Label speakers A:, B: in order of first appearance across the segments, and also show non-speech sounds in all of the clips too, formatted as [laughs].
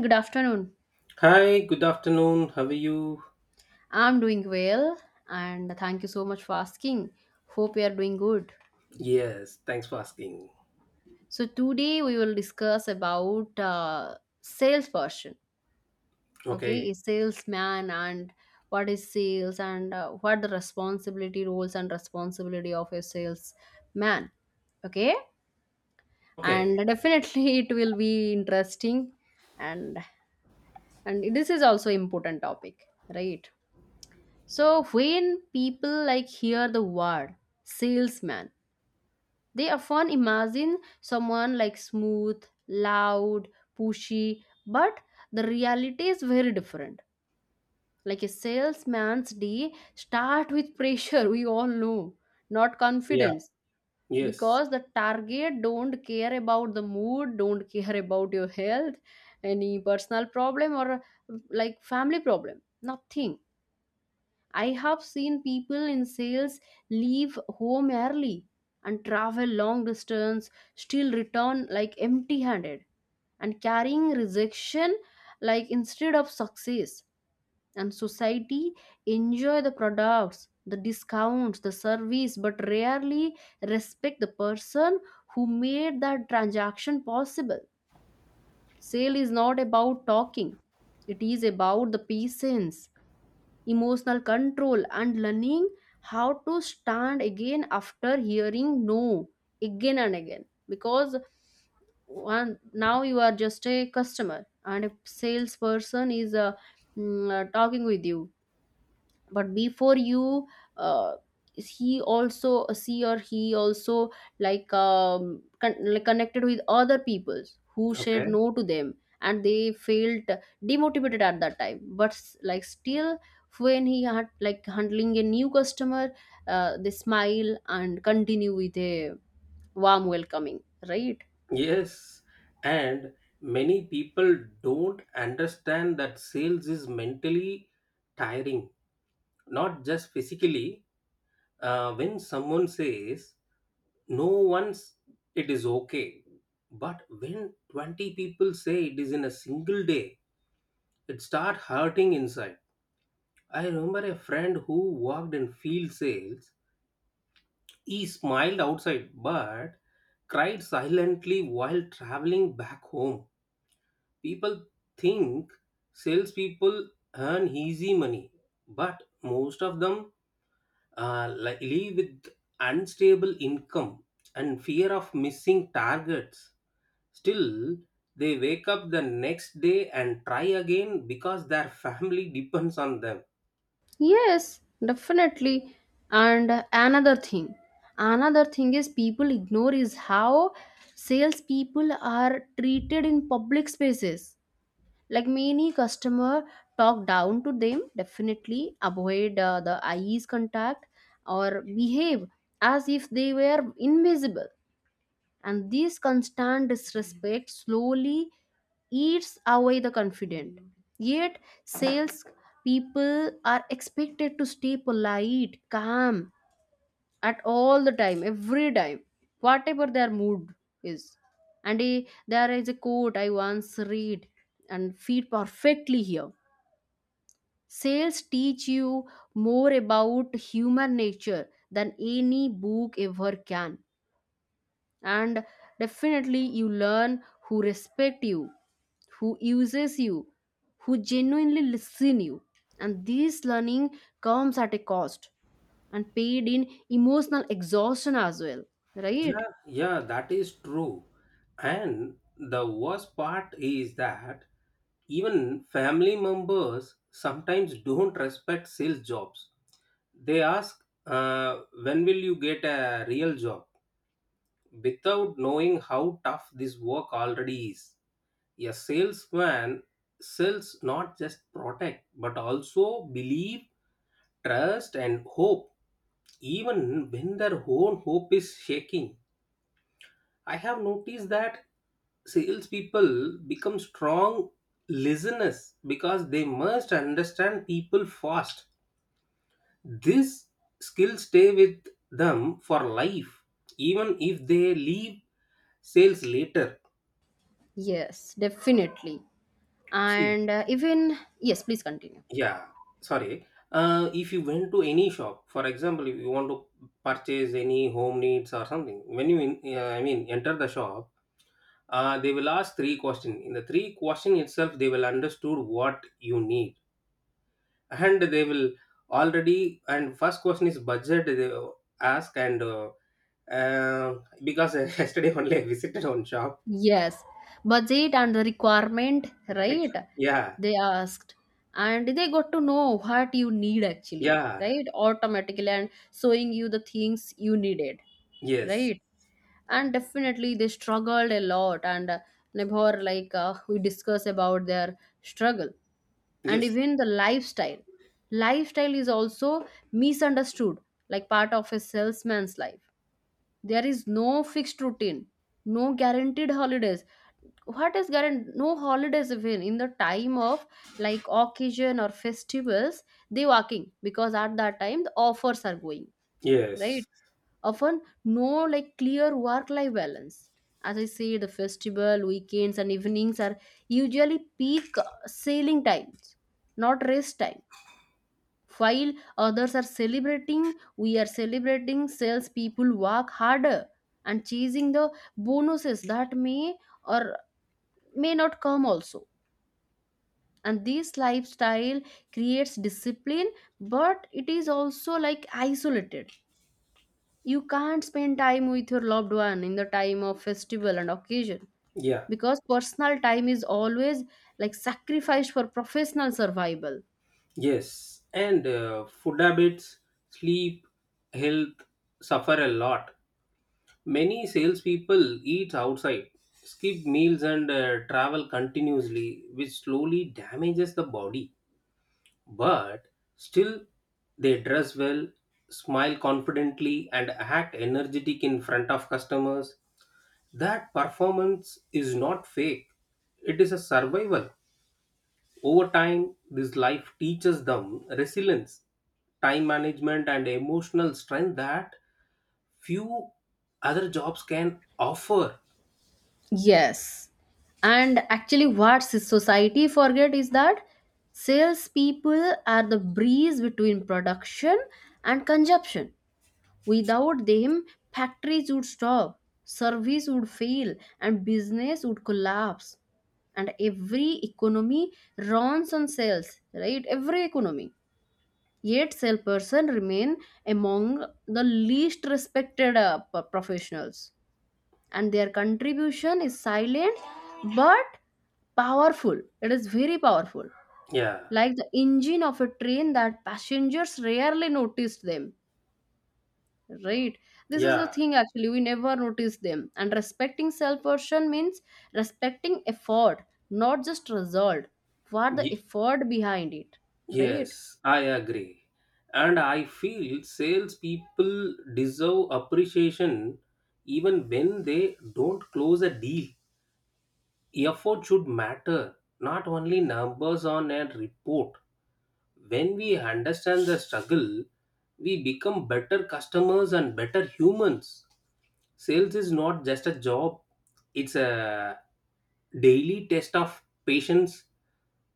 A: Good afternoon.
B: Hi, good afternoon. How are you?
A: I'm doing well and thank you so much for asking. Hope you are doing good.
B: Yes, thanks for asking.
A: So today we will discuss about salesperson. Okay,
B: Okay.
A: a salesman and what is sales and what the responsibility roles and responsibility of a salesman. Okay,
B: Okay.
A: and definitely [laughs] it will be interesting and and this is also important topic, right? So when people like hear the word salesman, they often imagine someone like smooth, loud, pushy, but the reality is very different. Like a salesman's day start with pressure, [laughs] we all know, not
B: Yeah.
A: confidence.
B: Yes.
A: Because the target don't care about the mood, don't care about your health, any personal problem or like family problem, nothing. I have seen people in sales leave home early and travel long distance, still return like empty handed and carrying rejection like instead of success. And society enjoy the products, the discounts, the service, but rarely respect the person who made that transaction possible. Sale is not about talking, it is about the patience, emotional control and learning how to stand again after hearing no again and again, because one now you are just a customer and a salesperson is talking with you, but before you, uh, he also she or he also like like connected with other peoples who said
B: Okay.
A: no to them and they felt demotivated at that time but like still when he had like handling a new customer, they smile and continue with a warm welcoming, right?
B: Yes. And many people don't understand that sales is mentally tiring, not just physically. When someone says no once, it is okay. But when 20 people say it is in a single day, it start hurting inside. I remember a friend who worked in field sales. He smiled outside but cried silently while traveling back home. People think salespeople earn easy money, but most of them live with unstable income and fear of missing targets. Still, they wake up the next day and try again because their family [laughs] depends on them.
A: Yes, definitely. And another thing is people ignore is how salespeople are treated in public spaces. Like many customer talk down to them, definitely avoid the eyes contact or behave as if they were invisible, and this constant disrespect slowly eats away the confident, yet sales people are expected to stay polite, calm at all the time, every time, whatever their mood is. And there is a quote I once read and fit perfectly here. Sales teach you more about human nature than any book ever can, and definitely you learn who respect you, who uses you, who genuinely listen you. And this learning comes at a cost, and paid in emotional exhaustion as well, right?
B: Yeah, yeah, that is true. And the worst part is that even family members sometimes don't respect sales jobs. They ask, when will you get a real job? Without knowing how tough this work already is. A salesman sells not just protect, but also believe, trust, and hope, even when their own hope is shaking. I have noticed that salespeople become strong listeners because they must understand people fast. This skill stay with them for life, even if they leave sales later.
A: Yes, definitely.
B: See,
A: And even yes, please continue.
B: yeah, sorry. If you went to any shop, for example, if you want to purchase any home needs or something, when you, I mean, enter the shop, they will ask three questions. In the three question itself, they will understood what you need, and they will already. And first question is budget. They ask and uh, because [laughs] yesterday only I visited one shop.
A: Yes, budget and the requirement,
B: Like,
A: right?
B: yeah,
A: They asked, and they got to know what you need actually,
B: yeah,
A: right? Automatically, and showing you the things you needed,
B: yes,
A: right? And definitely, they struggled a lot, and never like we discuss about their struggle and
B: yes,
A: even the lifestyle. Lifestyle is also misunderstood, like part of a salesman's life. There is no fixed routine, no guaranteed holidays. What is current? No holidays even in the time of like occasion or festivals. They working because at that time the offers are going,
B: yes,
A: right? Often no like clear work life balance. As I say, the festival weekends and evenings are usually peak sailing times, not rest time. While others are celebrating, we are celebrating sales people work harder and chasing the bonuses that may or may not come also. And this lifestyle creates discipline, but it is also like isolated. You can't spend time with your loved one in the time of festival and occasion,
B: yeah,
A: because personal time is always like sacrificed for professional survival.
B: yes. And food habits, sleep, health suffer a lot. Many salespeople eat outside, skip meals, and travel continuously, which slowly damages the body. But still, they dress well, smile confidently, and act energetic in front of customers. That performance is not fake, it is a survival. Over time, this life teaches them resilience, time management, and emotional strength that few other jobs can offer.
A: Yes. And actually what society forget is that salespeople are the breeze between production and consumption. Without them, factories would stop, service would fail, and business would collapse. And every economy runs on sales, right? Every economy. Yet, salesperson remain among the least respected professionals, and their contribution is silent but powerful. It is very powerful,
B: Yeah,
A: like the engine of a train that passengers rarely noticed them. Right. This is the
B: yeah.
A: thing actually, we never notice them. And respecting self version means respecting effort, not just result. What the effort behind it, right?
B: Yes, I agree. And I feel salespeople deserve appreciation even when they don't close a deal. Effort should matter, not only numbers on a report. When we understand the struggle, we become better customers and better humans. Sales is not just a job, it's a daily test of patience,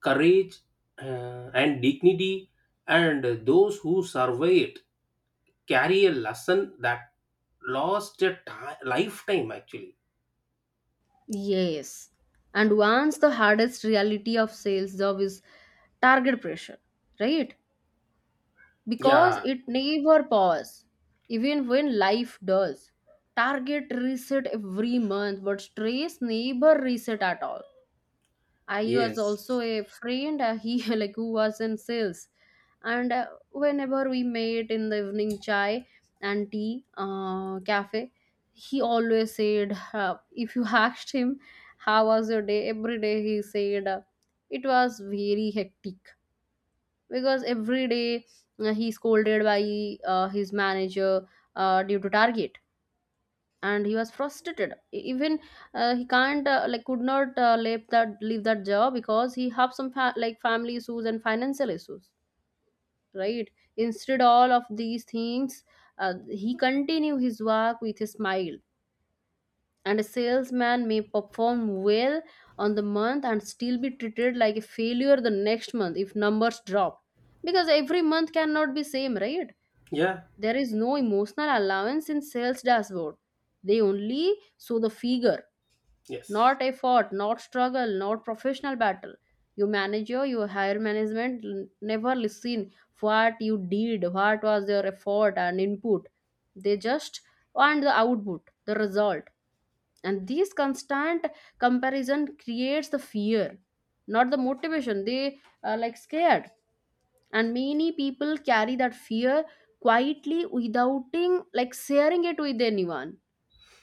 B: courage, and dignity, and those who survive it carry a lesson that lifetime actually.
A: Yes. And once the hardest reality of sales job is target pressure, right? Because
B: Yeah,
A: it never pause, even when life does. Target reset every month, but stress never reset at all. I was
B: yes,
A: also a friend. He [laughs] like who was in sales, and whenever we met in the evening chai and tea cafe, he always said, if you [laughs] asked him, how was your day? Every day he said, it was very hectic, because every day he scolded by his manager due to target, and he was frustrated. Even he can't like could not leave that leave that job because he have some like family issues and financial issues, right? Instead all of these things, he continue his work with a smile. And a salesman may perform well on the month and still be treated like a failure the next month if numbers drop, because every month cannot be same, right?
B: yeah,
A: There is no emotional allowance in sales dashboard, they only show the figure.
B: yes,
A: Not effort, not struggle, not professional battle. You manager, your higher management never listen what you did, what was your effort and input. They just want the output, the result. And this constant comparison creates the fear, not the motivation. They are like scared. And many people carry that fear quietly without like sharing it with anyone.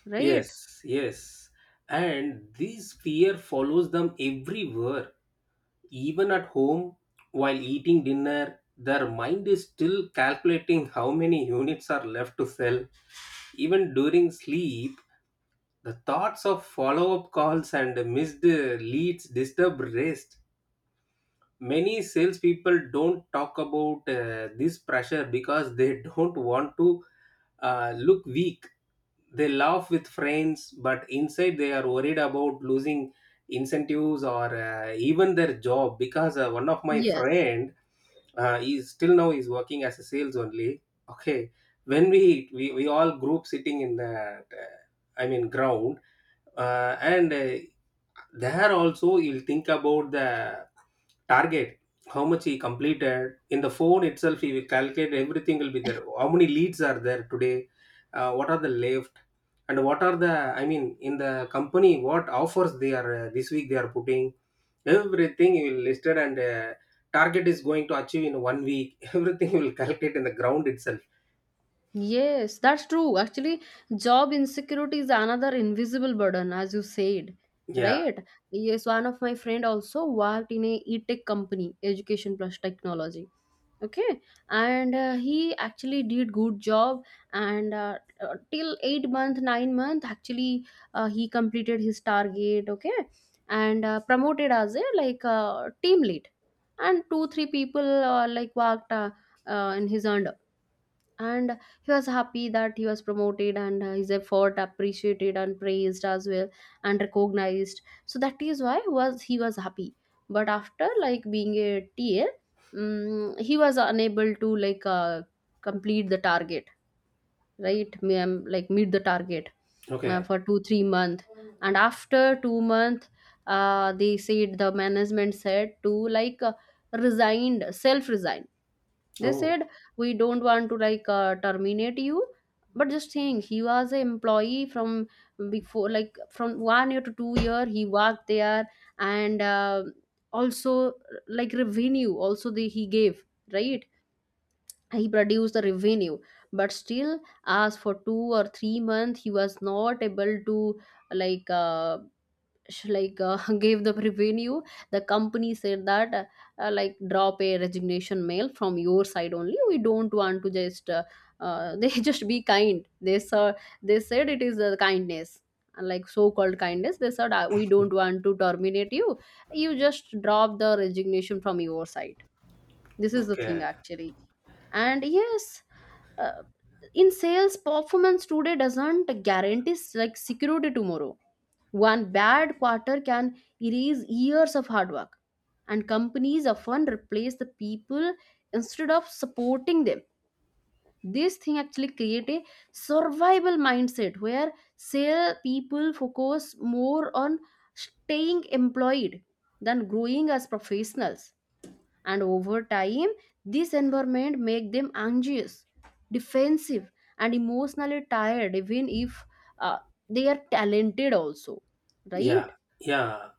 A: Right?
B: yes, yes. And this fear follows them everywhere, even at home while eating dinner. Their mind is still calculating how many units are left to sell. Even during sleep, the thoughts of follow-up calls and missed leads disturb rest. Many salespeople don't talk about this pressure because they [laughs] don't want to look weak. They laugh with friends, but inside they are worried about losing incentives or even their job. Because one of my
A: Yes.
B: friend, he's still now is working as a sales only. Okay, when we all group sitting in the I mean ground and there also you'll think about the target, how much he completed. In the phone itself he will calculate everything will be there, how many leads are there today, what are the left, and what are the, I mean, in the company what offers they are this week they are putting. Everything you will listed and target is going to achieve in 1 week. [laughs] Everything you will calculate in the ground itself.
A: Yes, that's true. Actually, job insecurity is another invisible burden, as you said,
B: Yeah,
A: right? Yes, one of my friend also worked in a e-tech company, education plus technology. Okay, and he actually did good job, and till 8 months, 9 months, actually he completed his target. Okay, and promoted as a like team lead, and 2 3 people like worked in his under, and he was happy that he was promoted, and his effort appreciated and praised as well and recognized, so that is why was he was happy. But after like being a ta he was unable to complete the target, right? Like meet the target
B: okay.
A: for 2 3 months, and after 2 months they said the management said to resigned, self resign, they
B: Oh,
A: said. We don't want to terminate you, but just saying, he was an employee from before like from 1 year to 2 years he worked there, and also like revenue also the, he gave, right? He produced the revenue. But still, as for 2 or 3 months he was not able to like uh, sh- like uh, [laughs] gave the revenue. The company said that like drop a resignation mail from your side only, we don't want to just [laughs] they just be kind they saw, they said it is the kindness, like so-called kindness, they said, we don't want to terminate you, you just drop the resignation from your side." This is the thing
B: okay.
A: actually. And yes, uh, in sales, performance today doesn't guarantee like security tomorrow. One bad quarter can erase years of hard work, and companies often replace the people instead of supporting them. This thing actually create a survival mindset where sale people focus more on staying employed than growing as professionals. And over time, this environment make them anxious, defensive, and emotionally tired, even if uh, they are talented also, right?
B: Yeah, yeah.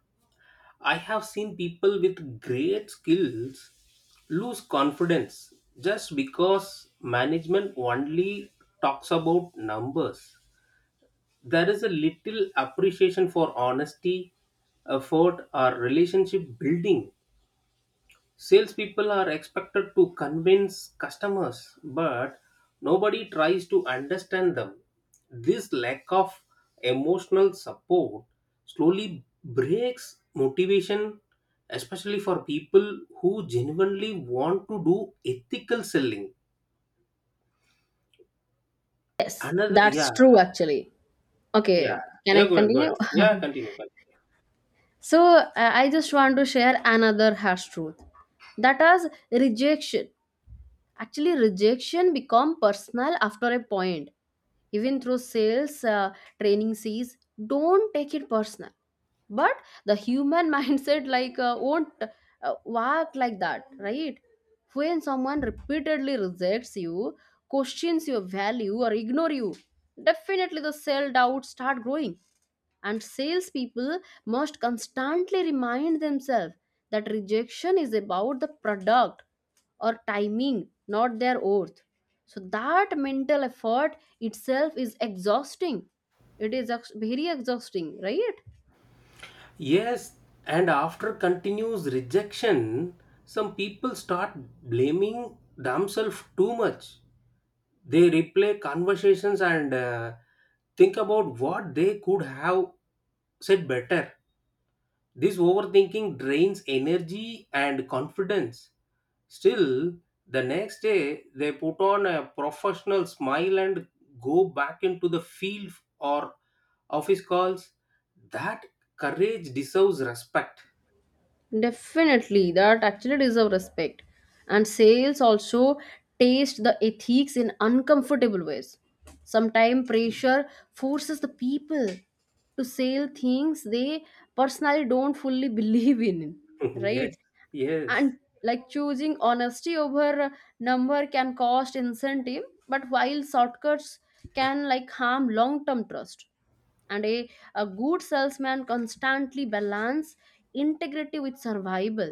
B: I have seen people with great skills lose confidence just because management only talks about numbers. There is a little appreciation for honesty, effort, or relationship building. Salespeople are expected to convince customers, but nobody tries to understand them. This lack of emotional support slowly breaks motivation, especially for people who genuinely want to do ethical selling.
A: Yes,
B: Another, yeah,
A: that's true actually.
B: yeah,
A: Okay, can I
B: yeah, go ahead, go ahead.
A: continue?
B: Yeah,
A: [laughs]
B: continue, continue.
A: So, I just want to share another harsh truth, that is rejection. Actually, rejection become personal after a point. Even through sales training says, don't take it personal. But the human [laughs] mindset like won't work like that, right? When someone repeatedly rejects you, questions your value or ignore you, definitely the self doubt start growing. And salespeople must constantly remind themselves that rejection is about the product or timing, not their worth. So that mental effort itself is exhausting. It is very exhausting, right?
B: Yes, and after continuous rejection, some people start blaming themselves too much. They replay conversations and think about what they could have said better. This overthinking drains energy and confidence. Still, the next day they put on a professional smile and go back into the field or office calls. That courage deserves respect.
A: Definitely, that actually deserve respect. And sales also taste the ethics in uncomfortable ways. Sometimes pressure forces the people to sell things they personally don't fully [laughs] believe in,
B: [laughs] Yes,
A: right?
B: yes,
A: And like choosing honesty over number can cost incentive, but while shortcuts can, like, harm long term trust, and a good salesman constantly balance integrity with survival,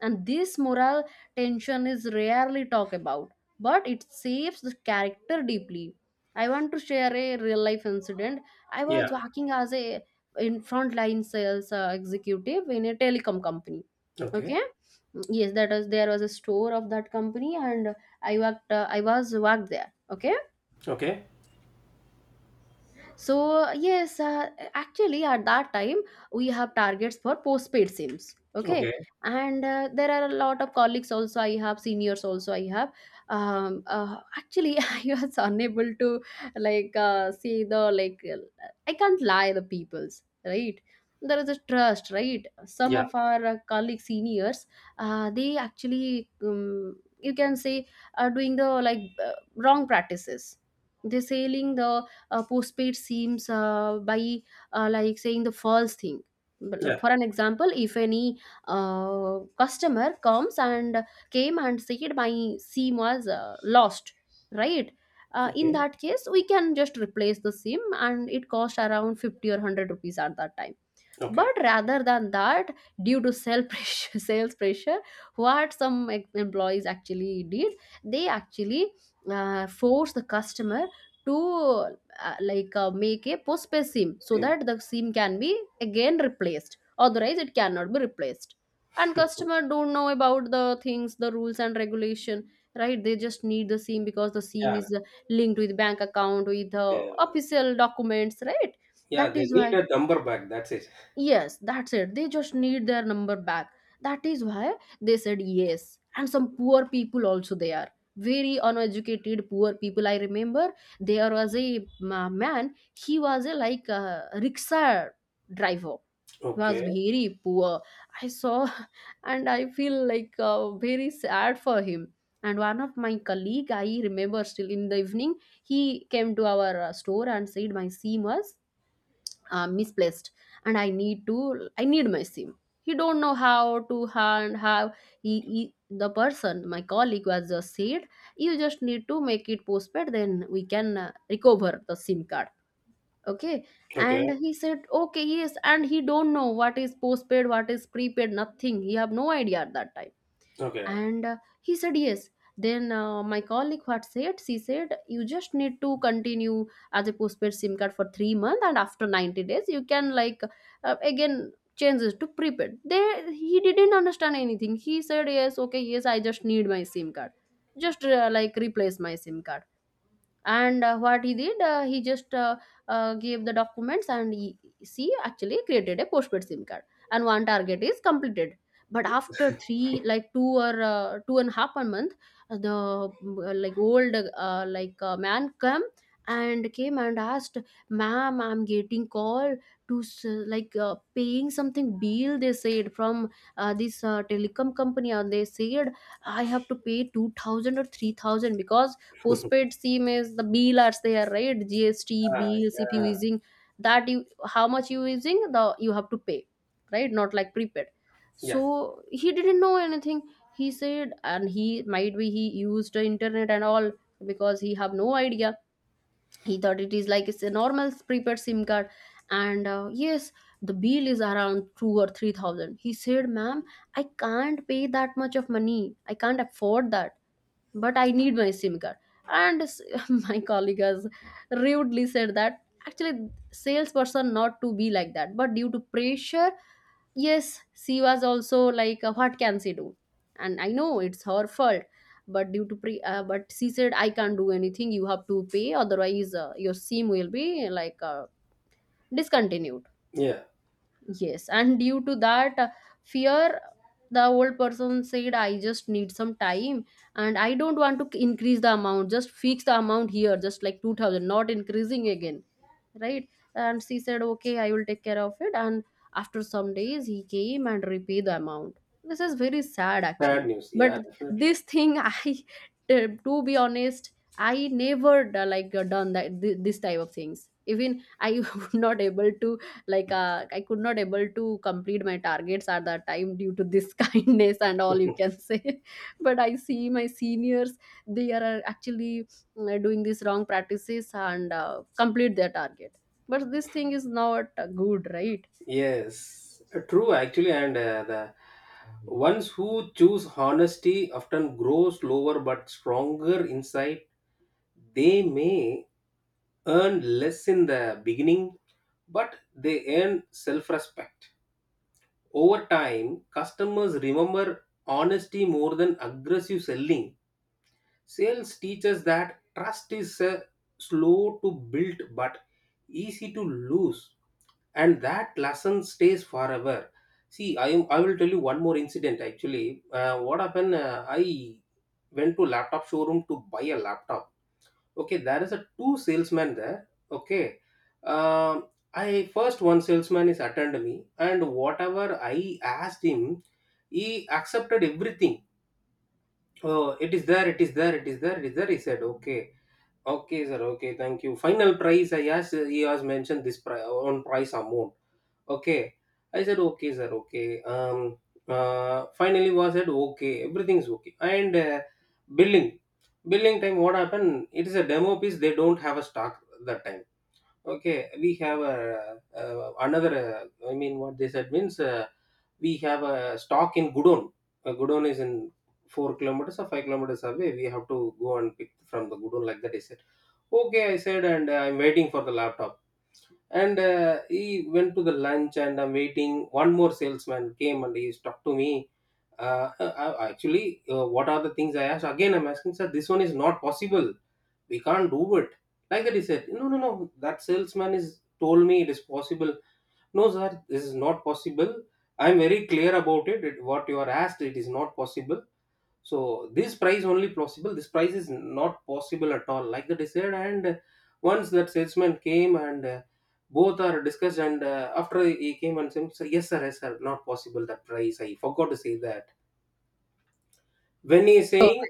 A: and this moral tension is rarely talked about, but it shapes the character deeply. I want to share a real life incident. I
B: yeah,
A: was working as a in frontline sales executive in a telecom company.
B: okay,
A: Okay, yes, that was there was a store of that company, and I worked I was worked there, okay.
B: okay,
A: So yes, actually at that time we have targets for postpaid SIMs,
B: okay,
A: okay. And there are a lot of colleagues also I have, seniors also I have. Actually, [laughs] I was unable to like, see the like, I can't lie the peoples, right? There is a trust, right? Some
B: yeah,
A: of our colleague seniors, they actually, you can say, are doing the like, wrong practices. They're selling the postpaid seems by like saying the false thing. But,
B: yeah,
A: for an example, if any customer comes and came and said, my SIM was lost, right? In
B: okay,
A: that case, we can just replace the SIM, and it cost around 50 or 100 rupees at that time.
B: okay,
A: But rather than that, due to sales [laughs] pressure, sales pressure, what some employees actually did, they actually force the customer to make a postpaid SIM so
B: same,
A: that the SIM can be again replaced, otherwise it cannot be replaced. And customer don't know about the things, the rules and regulation, right? They just need the SIM because the SIM
B: yeah,
A: is linked with bank account, with the
B: yeah.
A: official documents, right?
B: Yeah,
A: That
B: they
A: is
B: need
A: why,
B: a number back. That's it.
A: yes, that's it. They just need their number back. That is why they said yes. And some poor people also they are. Very uneducated poor people. I remember there was a man, he was a like a rickshaw driver. He was
B: Okay.
A: very poor. I saw [laughs] and I feel like very sad for him. And one of my colleague, I remember still, in the evening, he came to our store and said, my seam was misplaced and I need to I need my SIM. He don't know how to hand how he the person, my colleague was just said, you just need to make it postpaid, then we can recover the SIM card, okay. And
B: Okay.
A: he said okay yes, and he don't know what is postpaid, what is prepaid, nothing. He have no idea at that time.
B: Okay.
A: And he said yes. Then my colleague what said, she said, you just need to continue as a postpaid SIM card for 3 months, and after 90 days you can like again changes to prepaid. They he didn't understand anything. He said yes, okay, yes, I just need my SIM card, just like replace my SIM card. And what he did he just gave the documents, and she actually created a postpaid SIM card, and one target is completed. But after three like two or two and a half a month, the like old man come and came and asked, ma'am, I'm getting call to like paying something bill. They said from this telecom company, and they said I have to pay 2000 or 3000 because postpaid SIM is the bill are there, right? GST
B: Ah,
A: bills. If you
B: yeah.
A: using that, you how much you using the you have to pay, right? Not like prepaid.
B: Yeah.
A: So he didn't know anything. He said, and he might be he used the internet and all because he have no idea. He thought it is like it's a normal prepaid SIM card. And yes, the bill is around two or three thousand. He said, ma'am, I can't pay that much of money, I can't afford that, but I need my SIM card. And [laughs] my colleague has rudely said that. Actually salesperson not to be like that, but due to pressure, yes, she was also like, what can she do. And I know it's her fault, but due to pre but she said, I can't do anything, you have to pay, otherwise your SIM will be like discontinued.
B: Yeah.
A: Yes, and due to that fear, the old person said, I just need some time, and I don't want to increase the amount, just fix the amount here, just like 2000, not increasing again, right? And she said, okay, I will take care of it. And after some days, he came and repaid the amount. This is very sad
B: Bad
A: actually.
B: news.
A: But
B: Yeah, definitely.
A: this thing, [laughs] to be honest, I never done that this type of things. Even I [laughs] was not able to like, I could not able to complete my targets at that time due to this [laughs] kindness and all, you can say. [laughs] but I see my seniors, they are actually, doing these wrong practices and complete their target, but this thing is not good, right?
B: Yes. True, actually. And the ones who choose honesty often grow slower but stronger inside. They may earn less in the beginning, but they earn self respect. Over time, customers remember honesty more than aggressive selling. Sales teaches that trust is slow to build but easy to lose, and that lesson stays forever. See, I will tell you one more incident actually. What happened? I went to laptop showroom to buy a laptop. Okay, there is a two salesmen there. Okay, um, I, first one salesman is attend me, and whatever I asked him, he accepted everything. Oh, it is there, it is there, it is there, it is there. He said, okay. Okay, sir. Okay, thank you. Final price, I asked, he has mentioned this on price amount. Okay. I said, okay, sir. Okay. Finally, was said, okay, everything's okay. And billing, billing time, what happened? It is a demo piece, they don't have a stock that time. Okay, we have a, another, I mean, what they said means we have a stock in Gudon. Gudon is in 4 kilometers or 5 kilometers away. We have to go and pick from the Gudon, like that. Is. "Okay," I said, and I'm waiting for the laptop. And he went to the lunch, and I'm waiting. One more salesman came and he talked to me. Actually, what are the things I asked? Again, I'm asking, sir, this one is not possible. We can't do it. Like that, he said, no, no, no. That salesman is told me it is possible. No, sir, this is not possible. I'm very clear about it. It, what you are asked, it is not possible, so this price only possible, this price is not possible at all, like that is said. And once that salesman came and both are discussed, and after he came and said, sir, yes sir, yes sir, not possible that price. I forgot to say that when he's saying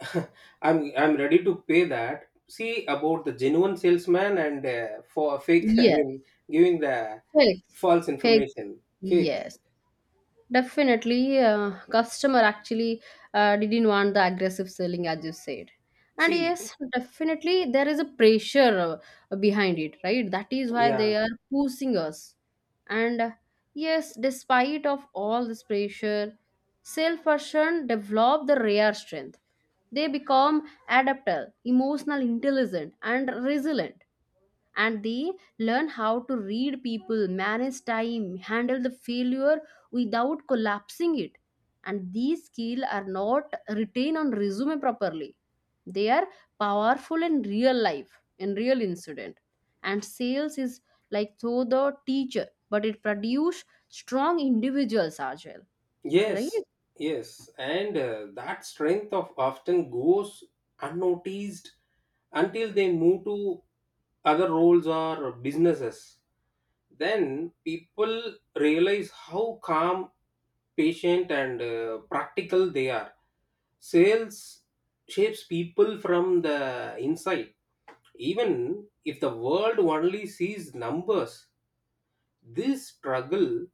B: [laughs] I'm ready to pay that. See about the genuine salesman and for fake, [laughs] I
A: Yes.
B: mean, giving the
A: Fake,
B: false
A: fake.
B: information, fake.
A: Yes. Definitely, customer actually didn't want the aggressive selling, as you said. And
B: See.
A: yes, definitely there is a pressure behind it, right? That is why
B: Yeah.
A: they are pushing us. And yes, despite of all this pressure, salesperson develop the rare strength. They become adaptable, emotional intelligent, and resilient, and they learn how to read people, manage time, handle the failure without collapsing it. And these skills are not retained on resume properly. They are powerful in real life, in real incident. And sales is like through the teacher, but it produce strong individuals as well, right?
B: Yes, yes, and that strength of often goes unnoticed until they move to other roles or businesses. Then people realize how calm, patient, and practical they are. Sales shapes people from the inside. Even if the world only sees numbers, this struggle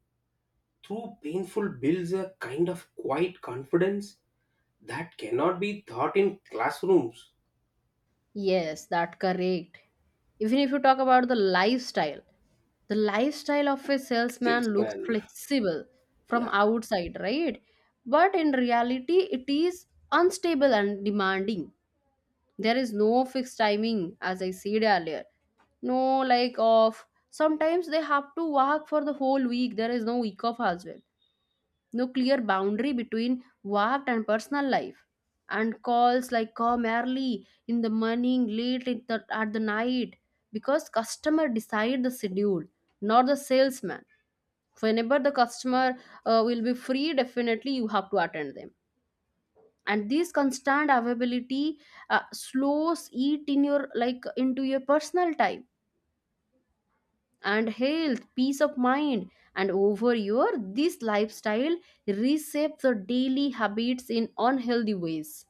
B: through painful builds a kind of quiet confidence that cannot be taught in classrooms.
A: Yes, that correct. Even if you talk about the lifestyle of a salesman looks
B: Salesman.
A: flexible from
B: Yeah,
A: outside, right? But in reality, it is unstable and demanding. There is no fixed timing, as I said earlier. No, like, of sometimes they have to work for the whole week. There is no week off as well, no clear boundary between work and personal life, and calls like come early in the morning, late at at the night, because customer decide the schedule, not the salesman. Whenever the customer will be free, definitely you have to attend them. And this constant availability slows eat in your like into your personal time and health, peace of mind. And over your this lifestyle reshapes the daily habits in unhealthy ways.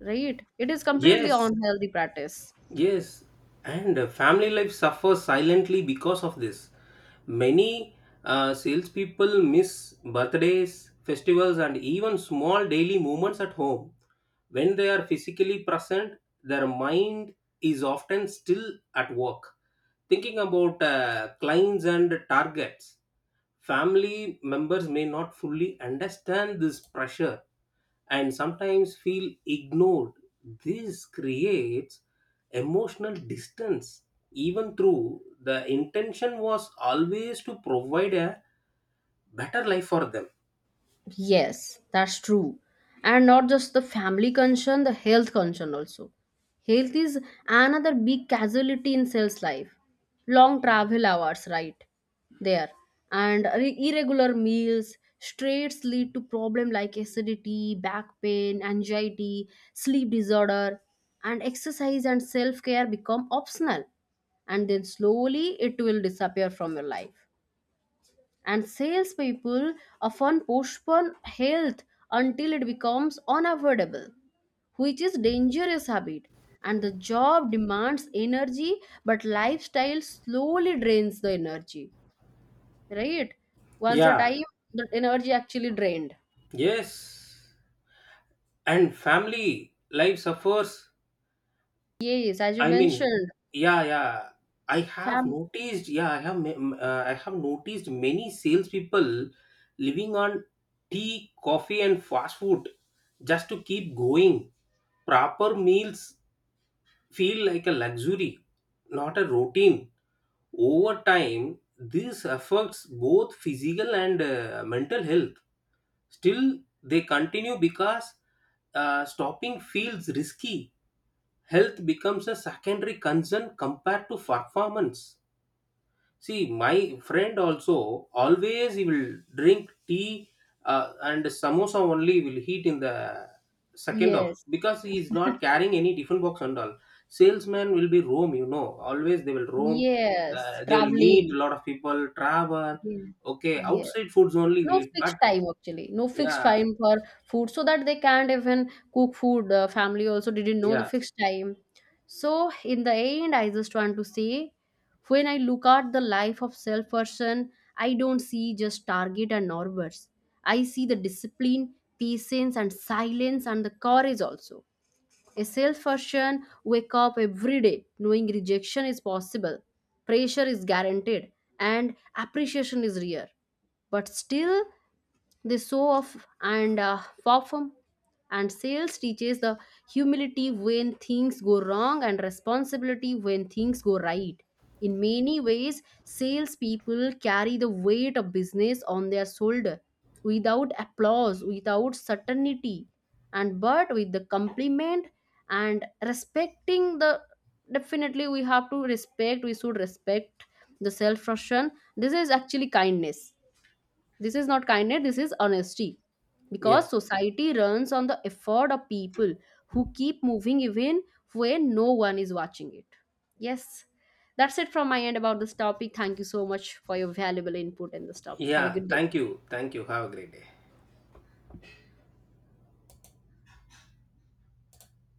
A: Right? It is completely
B: yes,
A: unhealthy practice.
B: yes, and family life suffers silently because of this. Many salespeople miss birthdays, festivals, and even small daily moments at home. When they are physically present, their mind is often still at work, thinking about clients and targets. Family members may not fully understand this pressure and sometimes feel ignored. This creates emotional distance, even though the intention was always to provide a better life for them.
A: Yes, that's true. And not just the family concern, the health concern also. Health is another big casualty in sales life. Long travel hours, right? There. And irregular meals, straights lead to problem like acidity, back pain, anxiety, sleep disorder, and exercise and self-care become optional. And then slowly it will disappear from your life, and salespeople often postpone health until it becomes unavoidable, which is dangerous habit. And the job demands energy, but lifestyle slowly drains the energy, right? Once a
B: Yeah,
A: time, the energy actually drained.
B: yes. And family life suffers,
A: Yes, as you
B: I mean,
A: mentioned.
B: yeah, yeah. I have
A: Fam.
B: noticed. Yeah, I have. I have noticed many salespeople living on tea, coffee, and fast food just to keep going. Proper meals feel like a luxury, not a routine. Over time, this affects both physical and mental health. Still, they continue because stopping feels risky. Health becomes a secondary concern compared to performance. See, my friend also always he will drink tea and samosa only will heat in the second off,
A: Yes,
B: because he is not carrying any different box and all. Salesmen will be roam, you know, always they will roam.
A: yes,
B: They will meet a
A: traveling.
B: lot of people, travel,
A: Yes,
B: okay,
A: yes.
B: outside foods only
A: No
B: will eat, but
A: fixed time actually, no fixed
B: yeah,
A: time for food, so that they can't even cook food. Family also didn't know the
B: yeah,
A: fixed time. So in the end, I just want to say, when I look at the life of self person, I don't see just target and numbers. I see the discipline, patience, and silence, and the courage also. A self version wake up every day knowing rejection is possible, pressure is guaranteed, and appreciation is rare. But still, they show off and perform. And sales teaches the humility when things go wrong, and responsibility when things go right. In many ways, salespeople carry the weight of business on their shoulder without applause, without certainty, and but with the compliment and respecting the, definitely we have to respect, we should respect the self frustration. This is actually kindness. This is not kindness, this is honesty.
B: yeah,
A: Because society runs on the effort of people who keep moving even when no one is watching it. Yes. That's it from my end about this topic. Thank you so much for your valuable input in this topic. Have
B: yeah.
A: a good day.
B: Thank you, thank you, have a great day.